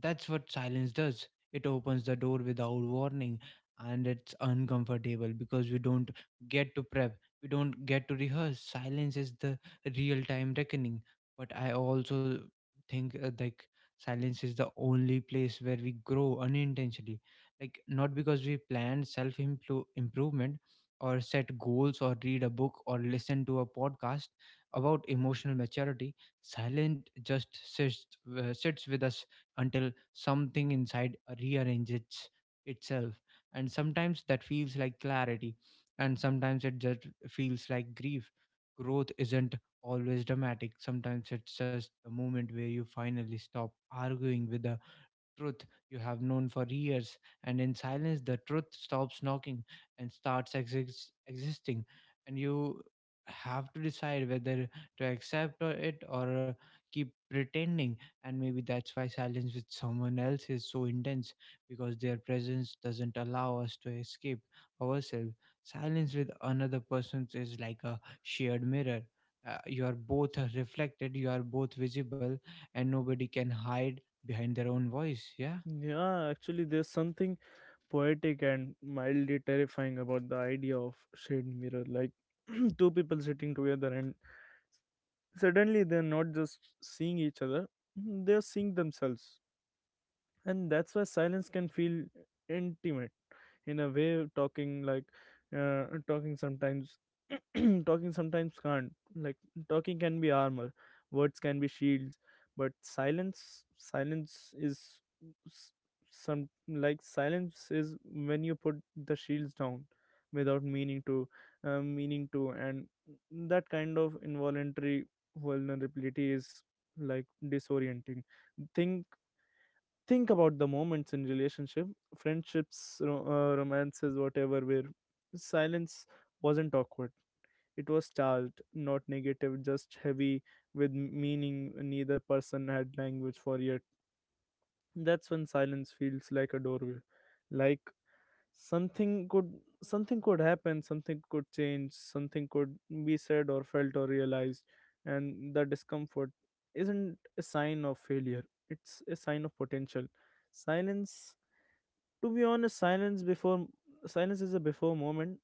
That's what silence does. It opens the door without warning, and it's uncomfortable because we don't get to prep, we don't get to rehearse. Silence is the real time reckoning. But I also think uh, like silence is the only place where we grow unintentionally. Like, not because we planned self improvement or set goals or read a book or listen to a podcast about emotional maturity. Silent just sits, uh, sits with us until something inside rearranges itself. And sometimes that feels like clarity, and sometimes it just feels like grief. Growth isn't always dramatic, sometimes it's just a moment where you finally stop arguing with the truth you have known for years, and in silence, the truth stops knocking and starts exis- existing. And you have to decide whether to accept or it or uh, keep pretending. And maybe that's why silence with someone else is so intense, because their presence doesn't allow us to escape ourselves. Silence with another person is like a shared mirror. Uh, you are both reflected, you are both visible, and nobody can hide behind their own voice. Yeah, Yeah, actually, there's something poetic and mildly terrifying about the idea of shade mirror. Like two people sitting together and suddenly they're not just seeing each other, they're seeing themselves. And that's why silence can feel intimate in a way talking, like uh, talking sometimes, talking sometimes can't. Like talking can be armor, words can be shields, but silence silence is s- some like silence is when you put the shields down without meaning to, uh, meaning to and that kind of involuntary vulnerability is like disorienting. Think think about the moments in relationship, friendships, ro- uh, romances, whatever, where silence wasn't awkward, it was charged, not negative, just heavy with m- meaning neither person had language for yet. That's when silence feels like a doorway, like something could, something could happen, something could change, something could be said or felt or realized. And the discomfort isn't a sign of failure, it's a sign of potential. Silence, to be honest, silence before silence is a before moment,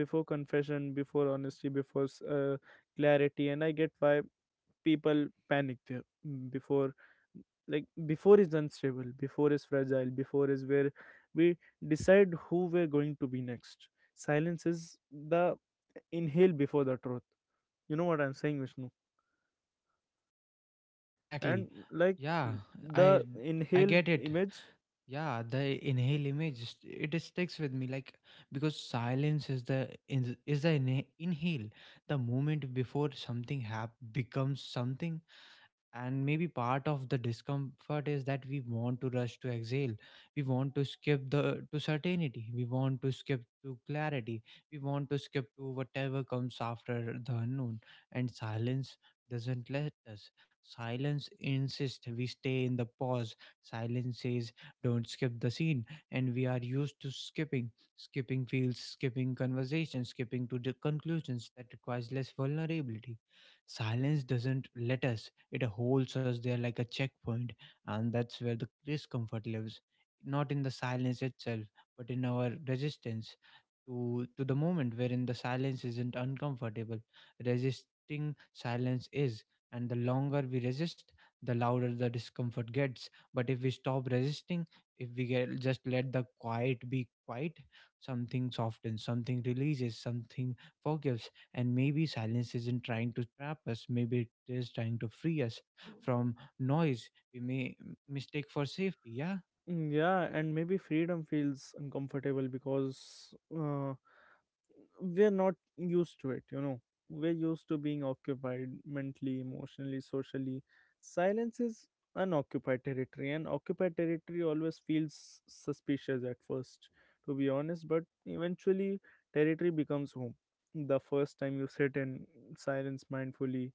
before confession, before honesty, before s- uh, clarity. And I get why people panic there. Mm, before, like, before is unstable, before is fragile, before is where we decide who we're going to be next. Silence is the inhale before the truth. You know what I'm saying, Vishnu? exactly. And like, Yeah, the i i inhale get it. image. Yeah, the inhale image just- it just sticks with me. Like because silence is the is is the inha- inhale, the moment before something hap- becomes something. And maybe part of the discomfort is that we want to rush to exhale, we want to skip the to certainty, we want to skip to clarity, we want to skip to whatever comes after the unknown. And silence doesn't let us. Silence insists we stay in the pause. Silence says, don't skip the scene. And we are used to skipping: skipping fields, skipping conversations, skipping to the conclusions that requires less vulnerability. Silence doesn't let us. It holds us there like a checkpoint. And that's where the discomfort lives, not in the silence itself, but in our resistance to to the moment wherein the silence isn't uncomfortable. Resisting silence is, and the longer we resist, the louder the discomfort gets. But if we stop resisting, if we get, just let the quiet be quiet, something softens, something releases, something forgives. And maybe silence isn't trying to trap us, maybe it is trying to free us from noise we may m- mistake for safety. Yeah. Mm, Yeah, and maybe freedom feels uncomfortable because uh, we're not used to it, you know. We're used to being occupied mentally, emotionally, socially. Silence is unoccupied territory, and occupied territory always feels suspicious at first, to be honest, but eventually, territory becomes home. The first time you sit in silence mindfully,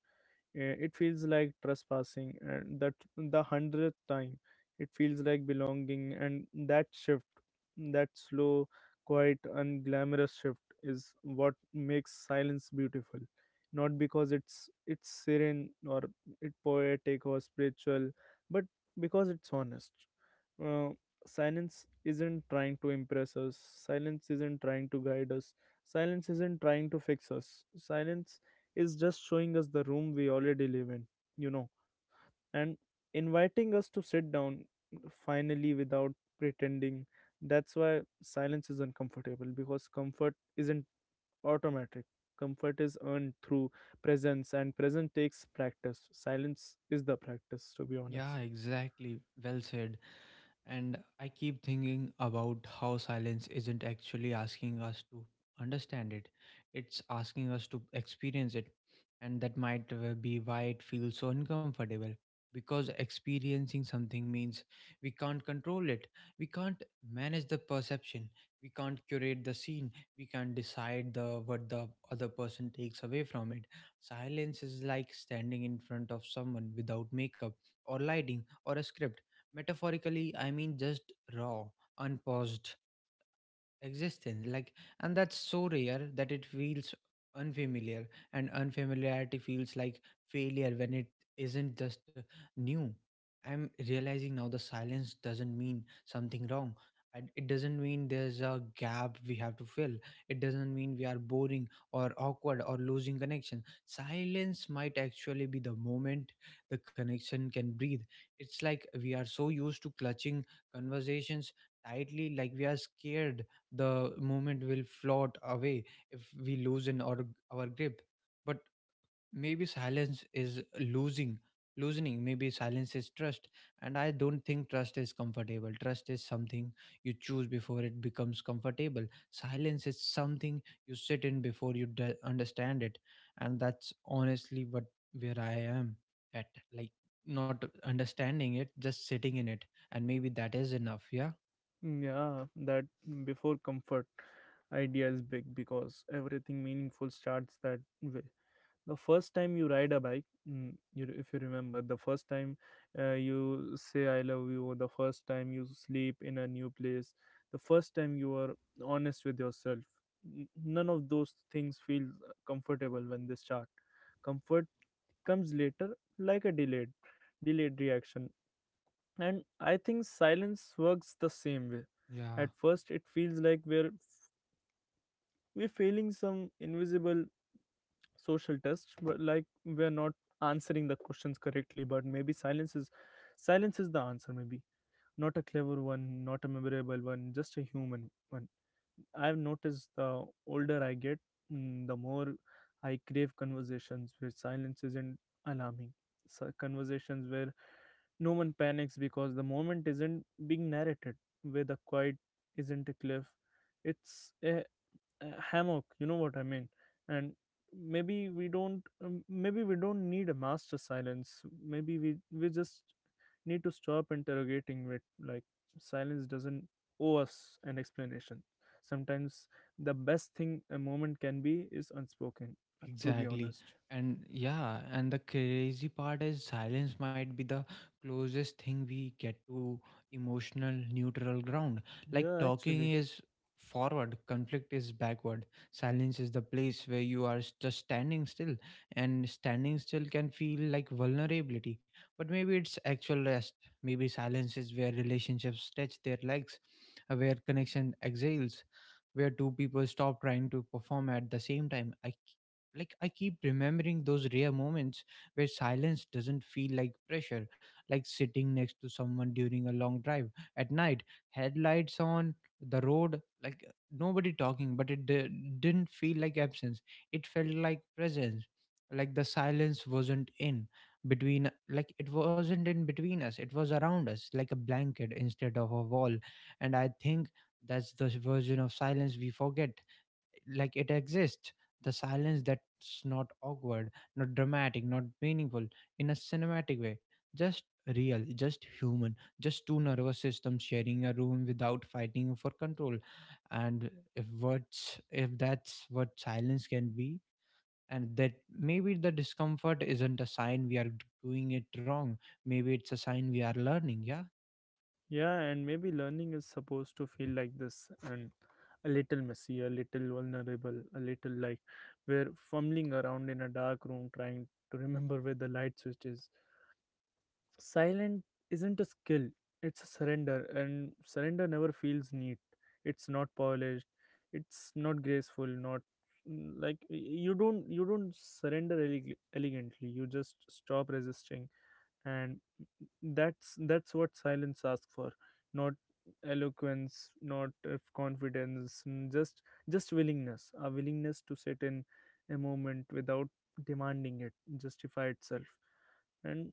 uh, it feels like trespassing, and that the hundredth time, it feels like belonging. And that shift, that slow, quiet, unglamorous shift, is what makes silence beautiful. Not because it's it's serene or it poetic or spiritual, but because it's honest. Uh, Silence isn't trying to impress us. Silence isn't trying to guide us. Silence isn't trying to fix us. Silence is just showing us the room we already live in, you know, and inviting us to sit down finally without pretending. That's why silence is uncomfortable, because comfort isn't automatic. Comfort is earned through presence, and presence takes practice. Silence is the practice, to be Yeah, honest. exactly. Well said. And I keep thinking about how silence isn't actually asking us to understand it, it's asking us to experience it. And that might uh, be why it feels so uncomfortable. Because experiencing something means we can't control it, we can't manage the perception, we can't curate the scene, we can't decide the what the other person takes away from it. Silence is like standing in front of someone without makeup or lighting or a script. Metaphorically, I mean, just raw, unpaused, existence. Like, and that's so rare that it feels unfamiliar, and unfamiliarity feels like failure when it isn't, just uh, new. I'm realizing now the silence doesn't mean something wrong, and it doesn't mean there's a gap we have to fill. It doesn't mean we are boring or awkward or losing connection. Silence might actually be the moment the connection can breathe. It's like we are so used to clutching conversations tightly, like we are scared the movement will float away if we loosen our, our grip. But maybe silence is losing loosening, maybe silence is trust. And I don't think trust is comfortable. Trust is something you choose before it becomes comfortable. Silence is something you sit in before you d- understand it. And that's honestly what where I am at. Like, not understanding it, just sitting in it. And maybe that is enough. Yeah. Mm, Yeah, that before comfort idea is big because everything meaningful starts that way. The first time you ride a bike, mm, you, if you remember the first time uh, you say I love you, or the first time you sleep in a new place, the first time you are honest with yourself, n- none of those things feel uh, comfortable when they start. Comfort comes later, like a delayed delayed reaction. And I think silence works the same way. At Yeah. first it feels like we're we're failing some invisible social tests, but like we're not answering the questions correctly. But maybe silence is silence is the answer. Maybe not a clever one, not a memorable one, just a human one. I've noticed the older I get, mm, the more I crave conversations where silence isn't alarming. So conversations where no one panics because the moment isn't being narrated, where the quiet isn't a cliff, it's a uh, hammock, you know what I mean? And maybe we don't um, maybe we don't need a master silence. Maybe we we just need to stop interrogating it. Like silence doesn't owe us an explanation. Sometimes the best thing a moment can be is unspoken, to be Exactly. honest. And yeah, and the crazy part is silence might be the closest thing we get to emotional neutral ground. Like, Yeah, talking actually. is forward, conflict is backward. Silence is the place where you are s- just standing still, and standing still can feel like vulnerability. But maybe it's actual rest. Maybe silence is where relationships stretch their legs, uh, where connection exhales, where two people stop trying to perform at the same time. Like I keep remembering those rare moments where silence doesn't feel like pressure, like sitting next to someone during a long drive at night, headlights on the road, like uh, nobody talking, but it di- didn't feel like absence, it felt like presence. Like the silence wasn't in between like it wasn't in between us, it was around us like a blanket instead of a wall. And I think that's the version of silence we forget, like it exists. The silence that's not awkward, not dramatic, not meaningful in a cinematic way, just real, just human, just two nervous systems sharing a room without fighting for control. And if what's if that's what silence can be, and that maybe the discomfort isn't a sign we are doing it wrong, maybe it's a sign we are learning. Yeah. Yeah, and maybe learning is supposed to feel like this, and a little messy, a little vulnerable, a little like we're fumbling around in a dark room trying to remember where the light switch is. Silent isn't a skill, it's a surrender, and surrender never feels neat. It's not polished, it's not graceful, not mm, like y- you don't, you don't surrender ele- elegantly, you just stop resisting. And that's that's what silence asks for. Not eloquence, not if confidence, mm, just just willingness, a willingness to sit in a moment without demanding it justify itself, and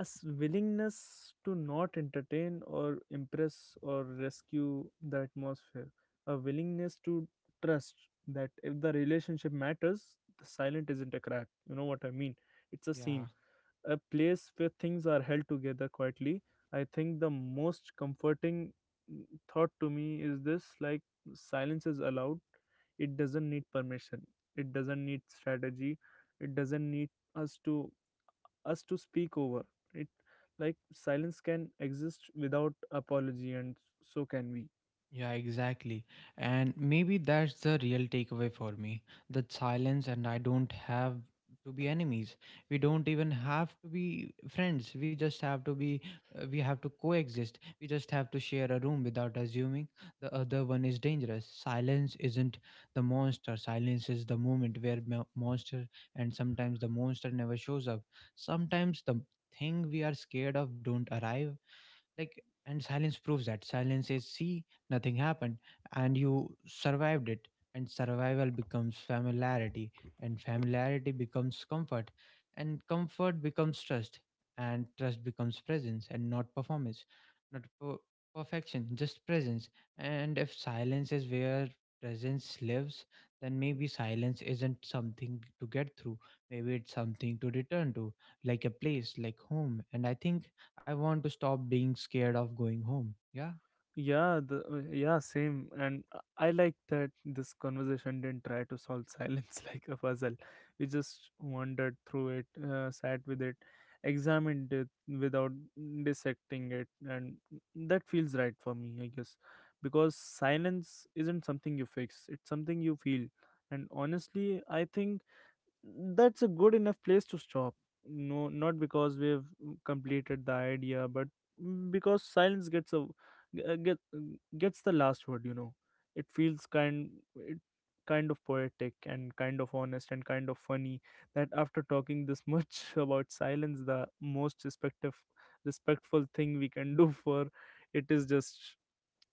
a s- willingness to not entertain or impress or rescue the atmosphere, a willingness to trust that if the relationship matters, the silent isn't a crack. You know what I mean? It's a Yeah. seam, a place where things are held together quietly. I think the most comforting mm, thought to me is this, like silence is allowed, it doesn't need permission, it doesn't need strategy, it doesn't need us to us to speak over it. Like silence can exist without apology, and so can we. Yeah, exactly. And maybe that's the real takeaway for me. That silence and I don't have to be enemies. We don't even have to be friends. We just have to be, uh, we have to coexist. We just have to share a room without assuming the other one is dangerous. Silence isn't the monster. Silence is the moment where mo- monster, and sometimes the monster never shows up. Sometimes the thing we are scared of don't arrive, like. And silence proves that. Silence says, see, nothing happened and you survived it. And survival becomes familiarity, and familiarity becomes comfort, and comfort becomes trust, and trust becomes presence and not performance, not per- perfection, just presence. And if silence is where presence lives, then maybe silence isn't something to get through, maybe it's something to return to, like a place, like home. And I think I want to stop being scared of going home. Yeah, Yeah, the uh, yeah, same. And i I like that this conversation didn't try to solve silence like a puzzle. We just wandered through it, uh, sat with it, examined it without dissecting it. And that feels right for me, I guess, because silence isn't something you fix, it's something you feel. And honestly, I think that's a good enough place to stop. No, not because we've completed the idea, but mm, because silence gets a uh, get mm, gets the last word. You know, it feels kind, it kind of poetic and kind of honest and kind of funny that after talking this much about silence, the most respective respectful thing we can do for it is just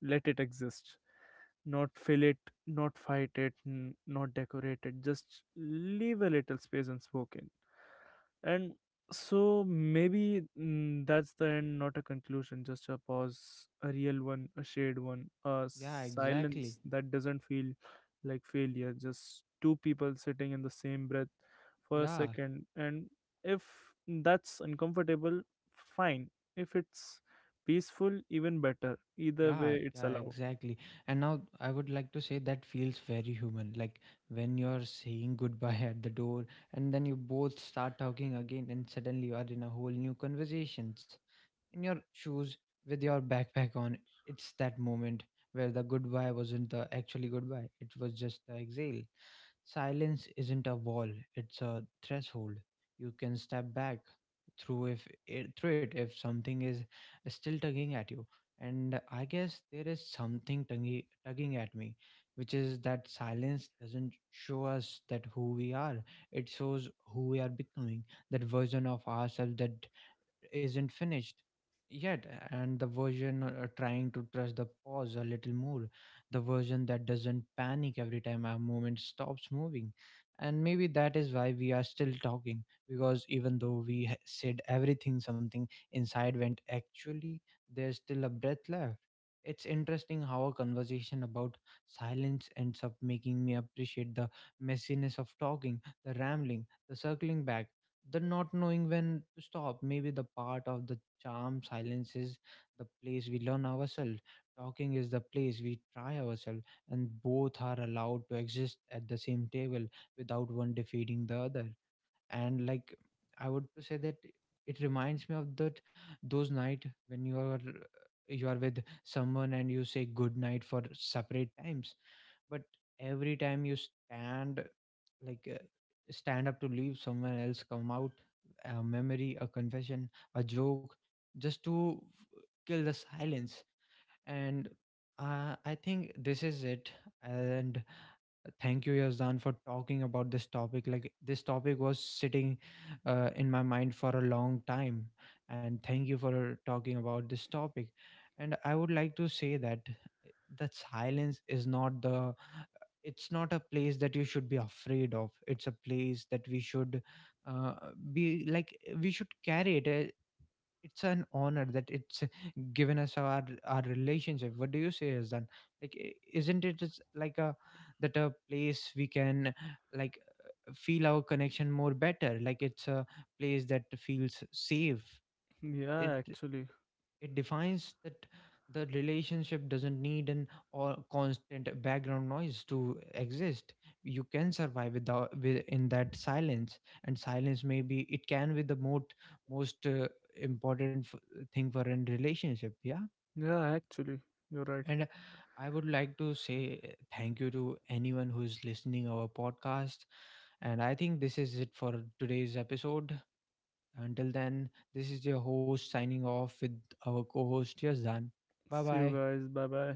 let it exist. Not fill it, not fight it, n- not decorate it, just leave a little space unspoken. And so maybe mm, that's the end, not a conclusion, just a pause, a real one, a shared one, a yeah, exactly. silence that doesn't feel like failure, just two people sitting in the same breath for a Yeah, second. And if that's uncomfortable, fine. If it's peaceful, even better. Either yeah, way, it's yeah, allowed. exactly. And now I would like to say that feels very human. Like when you're saying goodbye at the door, and then you both start talking again, and suddenly you are in a whole new conversations in your shoes with your backpack on. It's that moment where the goodbye wasn't the actually goodbye, it was just the exhale. Silence isn't a wall, it's a threshold. You can step back through if it- through it if something is still tugging at you. And I guess there is something tugging tugging at me, which is that silence doesn't show us that who we are. It shows who we are becoming, that version of ourselves that isn't finished yet, and the version uh, uh, trying to trust the pause a little more, the version that doesn't panic every time our moment stops moving. And maybe that is why we are still talking, because even though we ha- said everything, something inside went, actually, there's still a breath left. It's interesting how a conversation about silence ends up making me appreciate the messiness of talking, the rambling, the circling back, the not knowing when to stop. Maybe the part of the charm. Silence is the place we learn ourselves, talking is the place we try ourselves, and both are allowed to exist at the same table without one defeating the other. And like, I would say that it reminds me of that, those night when you are you are with someone and you say good night for separate times, but every time you stand, like uh, stand up to leave, someone else come out, a memory, a confession, a joke, just to f- kill the silence. And uh, I think this is it. And thank you Yazdan for talking about this topic. Like, this topic was sitting uh, in my mind for a long time, and thank you for talking about this topic. And I would like to say that eh, that silence is not the, it's not a place that you should be afraid of, it's a place that we should, uh, be like, we should carry it. Uh, it's an honor that it's given us our our relationship. What do you say is, like, i- isn't it just like a, that a place we can, like, feel our connection more better? Like, it's a place that feels safe. Yeah, actually. It defines that the relationship doesn't need an or constant background noise to exist. You can survive without with, in that silence. And silence, maybe it can be the most most, uh, important f- thing for an relationship. Yeah. Yeah, actually. You're right. And I would like to say, uh, thank you to anyone who is listening our podcast. And I think this is it for today's episode. Until then, this is your host signing off with our co host Yazdan. Bye See you bye. guys. Bye bye.